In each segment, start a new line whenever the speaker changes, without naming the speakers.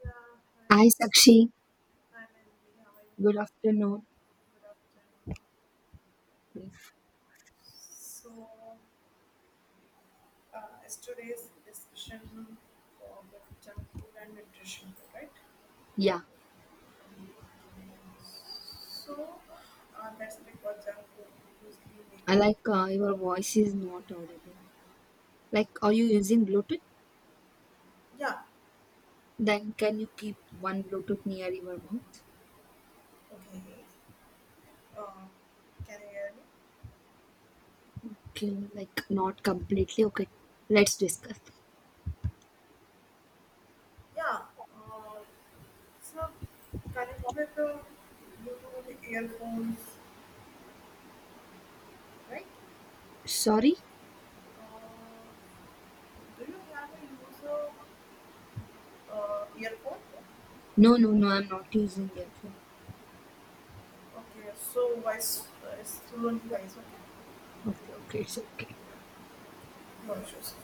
Yeah, hi.
Hi, Sakshi.
I'm Anjali. How are you?
Good afternoon.
Good afternoon. So, as today's discussion about junk food and nutrition, right?
Yeah,
So, that's because junk food usually make
I
it.
like your voice is not audible. Like, are you using Bluetooth?
Yeah,
Then can you keep one Bluetooth near your mouth?
okay. Uh, can you hear me?
Okay, like not completely. Okay, let's discuss.
Yeah. Uh, so, Connect with the Bluetooth earphones, right?
Sorry?
Uh, do you have a user? Earphone.
No, no, no. I'm not using earphone.
Okay, so voice is through on device. Okay,
Okay, okay, it's okay.
no issues.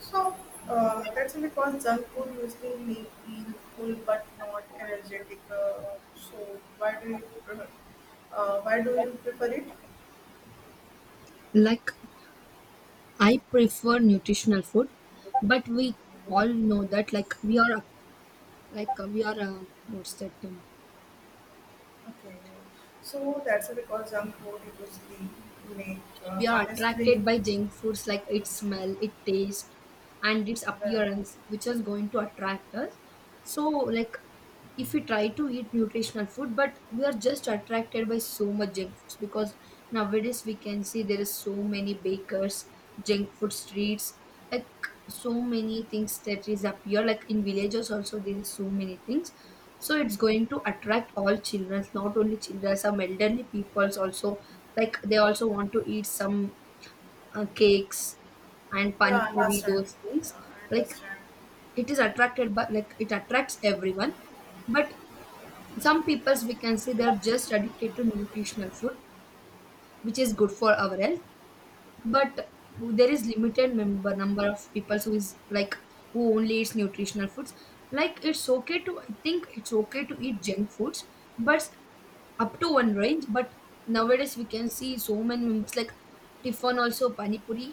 So that's why because junk food usually make feel full but not energetic. So why do you prefer? Why do you prefer it?
Like, I prefer nutritional food, but we all know that like we are what's that term?
Okay, so that's why because junk food usually make
We are
honestly.
attracted by junk foods like its smell, its taste, and its
Yeah,
appearance, which is going to attract us. So, like, if we try to eat nutritional food, but we are just attracted by so much junk foods because nowadays we can see there is so many bakers, junk food streets, like so many things that is appear. Like in villages also there is so many things. So it's going to attract all children, not only children, some elderly peoples also like they also want to eat some cakes and
yeah,
pani
I
puri
understand.
those
Yeah,
things
I
like
understand.
it is attracted by like it attracts everyone, but some peoples we can say they are just addicted to nutritional food which is good for our health, but there is limited member number of people who is like who only eats nutritional foods. Like it's okay to, I think it's okay to eat junk foods, but up to one range. But nowadays we can see so many members like Tiffin also Pani Puri,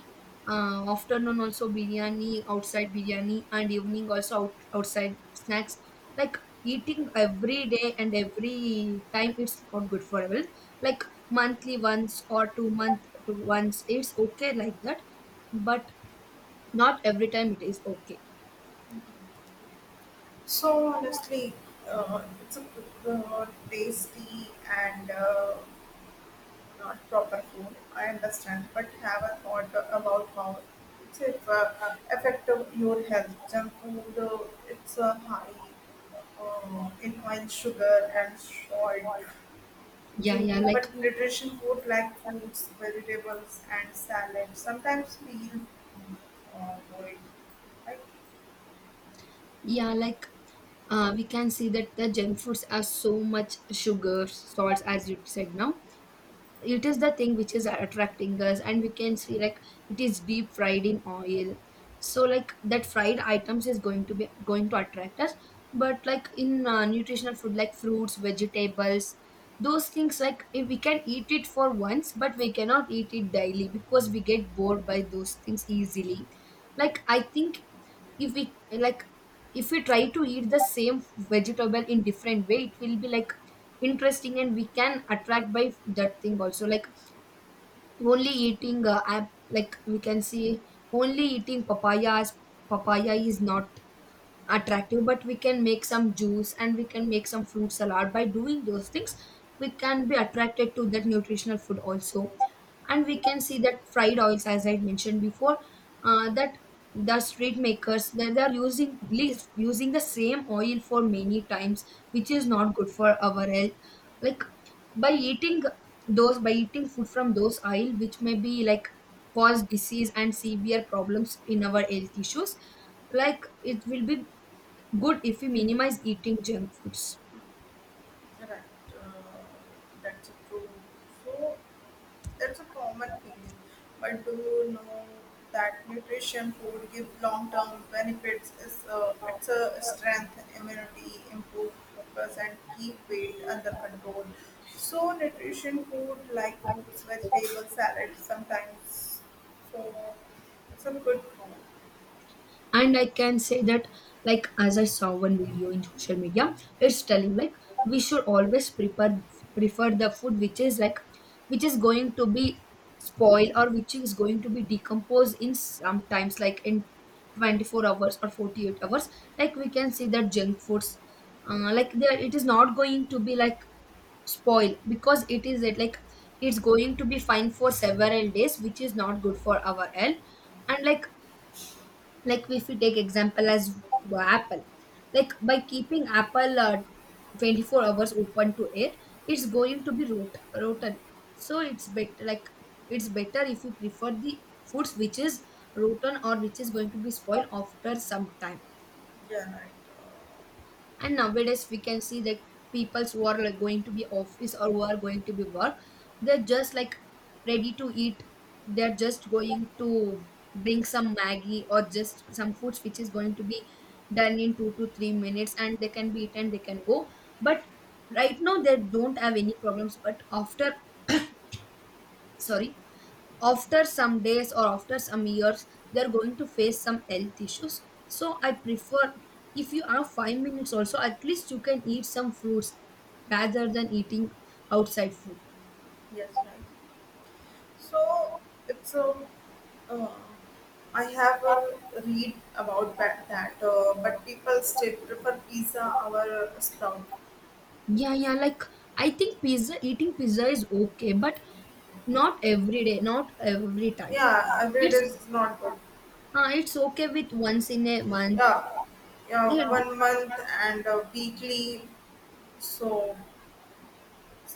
afternoon also biryani, outside biryani, and evening also outside snacks. Like eating every day and every time, it's not good for health. Like monthly once or 2 month to once, it's okay like that, but not every time it is okay.
Honestly, it's a tasty and not proper food. I understand, but have a thought about how it's if, affective your health. Junk food, it's high in oil, sugar, and salt.
Yeah,
Too, but nutrition food like fruits, vegetables, and salad sometimes feel void. Right?
yeah, like we can see that the junk foods are so much sugar salts as you said. Now it is the thing which is attracting us, and we can see like it is deep fried in oil, so like that fried items is going to be going to attract us. But like in nutritional food like fruits, vegetables, those things like, if we can eat it for once, but we cannot eat it daily because we get bored by those things easily. Like I think if we like, if we try to eat the same vegetable in different way, it will be like interesting, and we can attract by that thing also. Like only eating app like we can see only eating papayas, papaya is not attractive, but we can make some juice and we can make some fruit salad. By doing those things we can be attracted to that nutritional food also. And we can see that fried oils, as I mentioned before, that the street makers they are using least using the same oil for many times, which is not good for our health. Like by eating those, by eating food from those oil, which may be like cause disease and severe problems in our health issues. Like it will be good if we minimize eating junk foods.
Correct. That's true. So that's a common feeling. But do you know that nutrition food give long term benefits? Is a, it's a strength, immunity, improve focus, and keep weight under control. So nutrition food like fruits, vegetables, salad sometimes. So it's a good food.
And I can say that like, as I saw one video in social media, it's telling like we should always prefer the food which is like, which is going to be spoiled or which is going to be decomposed in sometimes, like in 24 hours or 48 hours. Like we can see that junk foods, like there it is not going to be like spoil because it is it like, it's going to be fine for several days, which is not good for our health. And like if we take example as apple, like by keeping apple 24 hours open to air, it's going to be rotten. So it's better like, it's better if you prefer the foods which is rotten or which is going to be spoiled after some time.
Yeah, right.
And nowadays we can see that peoples who are like going to be office or who are going to be work, they're just like ready to eat. They're just going to bring some maggie or just some foods which is going to be done in 2 to 3 minutes and they can be eaten, they can go. But right now they don't have any problems, but after, sorry, after some days or after some years they're going to face some health issues. So I prefer if you have 5 minutes also, at least you can eat some fruits rather than eating outside food.
Yes, right. So it's a Uh, I have read about that, but people still prefer pizza over sprout.
Yeah, yeah, like I think pizza eating pizza is okay, but not every day, not every time.
Yeah, every day
It's
is not good.
it's okay with once in a month.
Yeah, yeah,
Yeah,
1 month and weekly. So,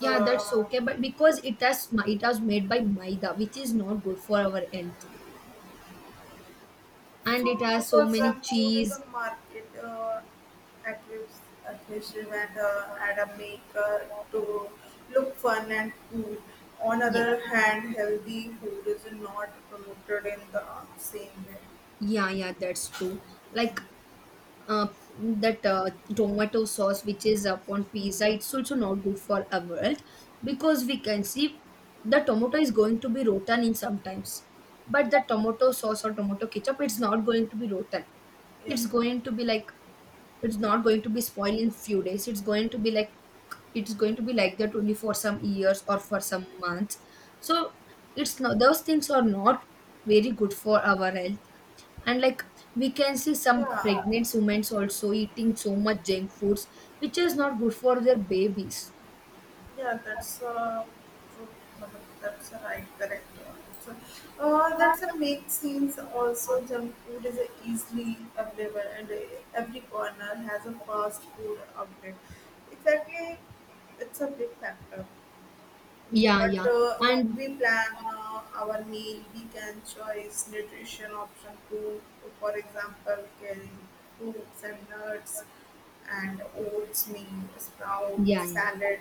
yeah, that's okay, but because it has it has made by maida, which is not good for our health, and
so
it has so
because
many
junk food is a
cheese.
market active- aggressive and add a maker to look fun and cool. On
Yeah.
other hand, healthy food is not promoted in the same way.
Yeah, yeah, that's true. Like uh, that tomato sauce which is upon pizza, it's also not good for our health because we can see the tomato is going to be rotten in sometimes. But the tomato sauce or tomato ketchup, it's not going to be rotten.
Yeah,
It's going to be like, it's not going to be spoiled in few days. It's going to be like, it's going to be like that only for some years or for some months. So it's not, those things are not very good for our health. And like we can see some
yeah,
pregnant women also eating so much junk foods, which is not good for their babies.
yeah. That's true. Matlab, that's a right, correct. So, that's a make scenes. Also, junk food is easily available, and every corner has a fast food outlet. Exactly, it's a big factor. Mm,
Yeah,
but
yeah,
if
and
we plan our meal, we can choose nutrition option too. For example, can fruits and nuts and oats, meal, sprout,
yeah, yeah,
salad.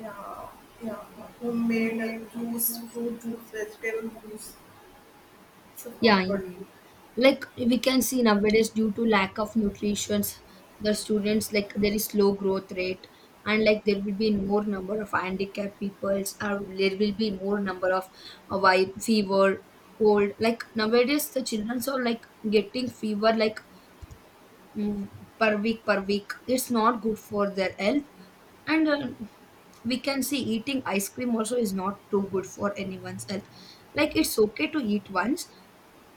Yeah, yeah. Homemade juice, fruit juice, vegetable juice. So
yeah, yeah,
comforting.
yeah. Like we can see nowadays due to lack of nutrition, the students like there is low growth rate. And like there will be more number of handicapped peoples, or there will be more number of fever, cold. Like nowadays the children are like getting fever like mm, per week, per week. It's not good for their health. And we can see eating ice cream also is not too good for anyone's health. Like it's okay to eat once,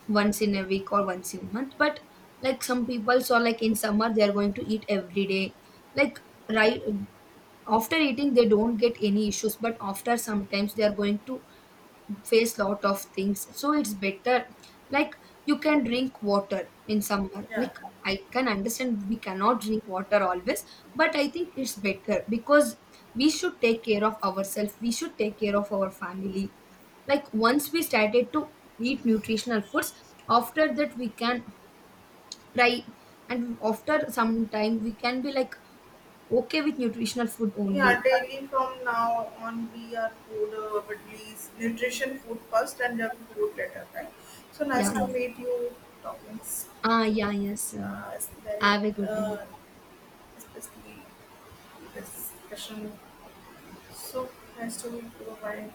once in a week or once in a month, but like some people saw, like in summer they are going to eat every day. Like right after eating they don't get any issues, but after sometimes they are going to face lot of things. So it's better like, you can drink water in summer.
Yeah.
Like I can understand we cannot drink water always, but I think it's better because we should take care of ourselves, we should take care of our family. Like once we started to eat nutritional foods, after that we can try, and after some time we can be like okay with nutritional food
Yeah,
only.
daily from now on, we are food, but least nutrition food first and junk food later, right? So nice
Yeah,
to
yeah.
meet you. Topics,
Ah, yeah, yes, yeah.
it's very,
Have a good day.
uh, especially this discussion. So nice to meet you. Bye.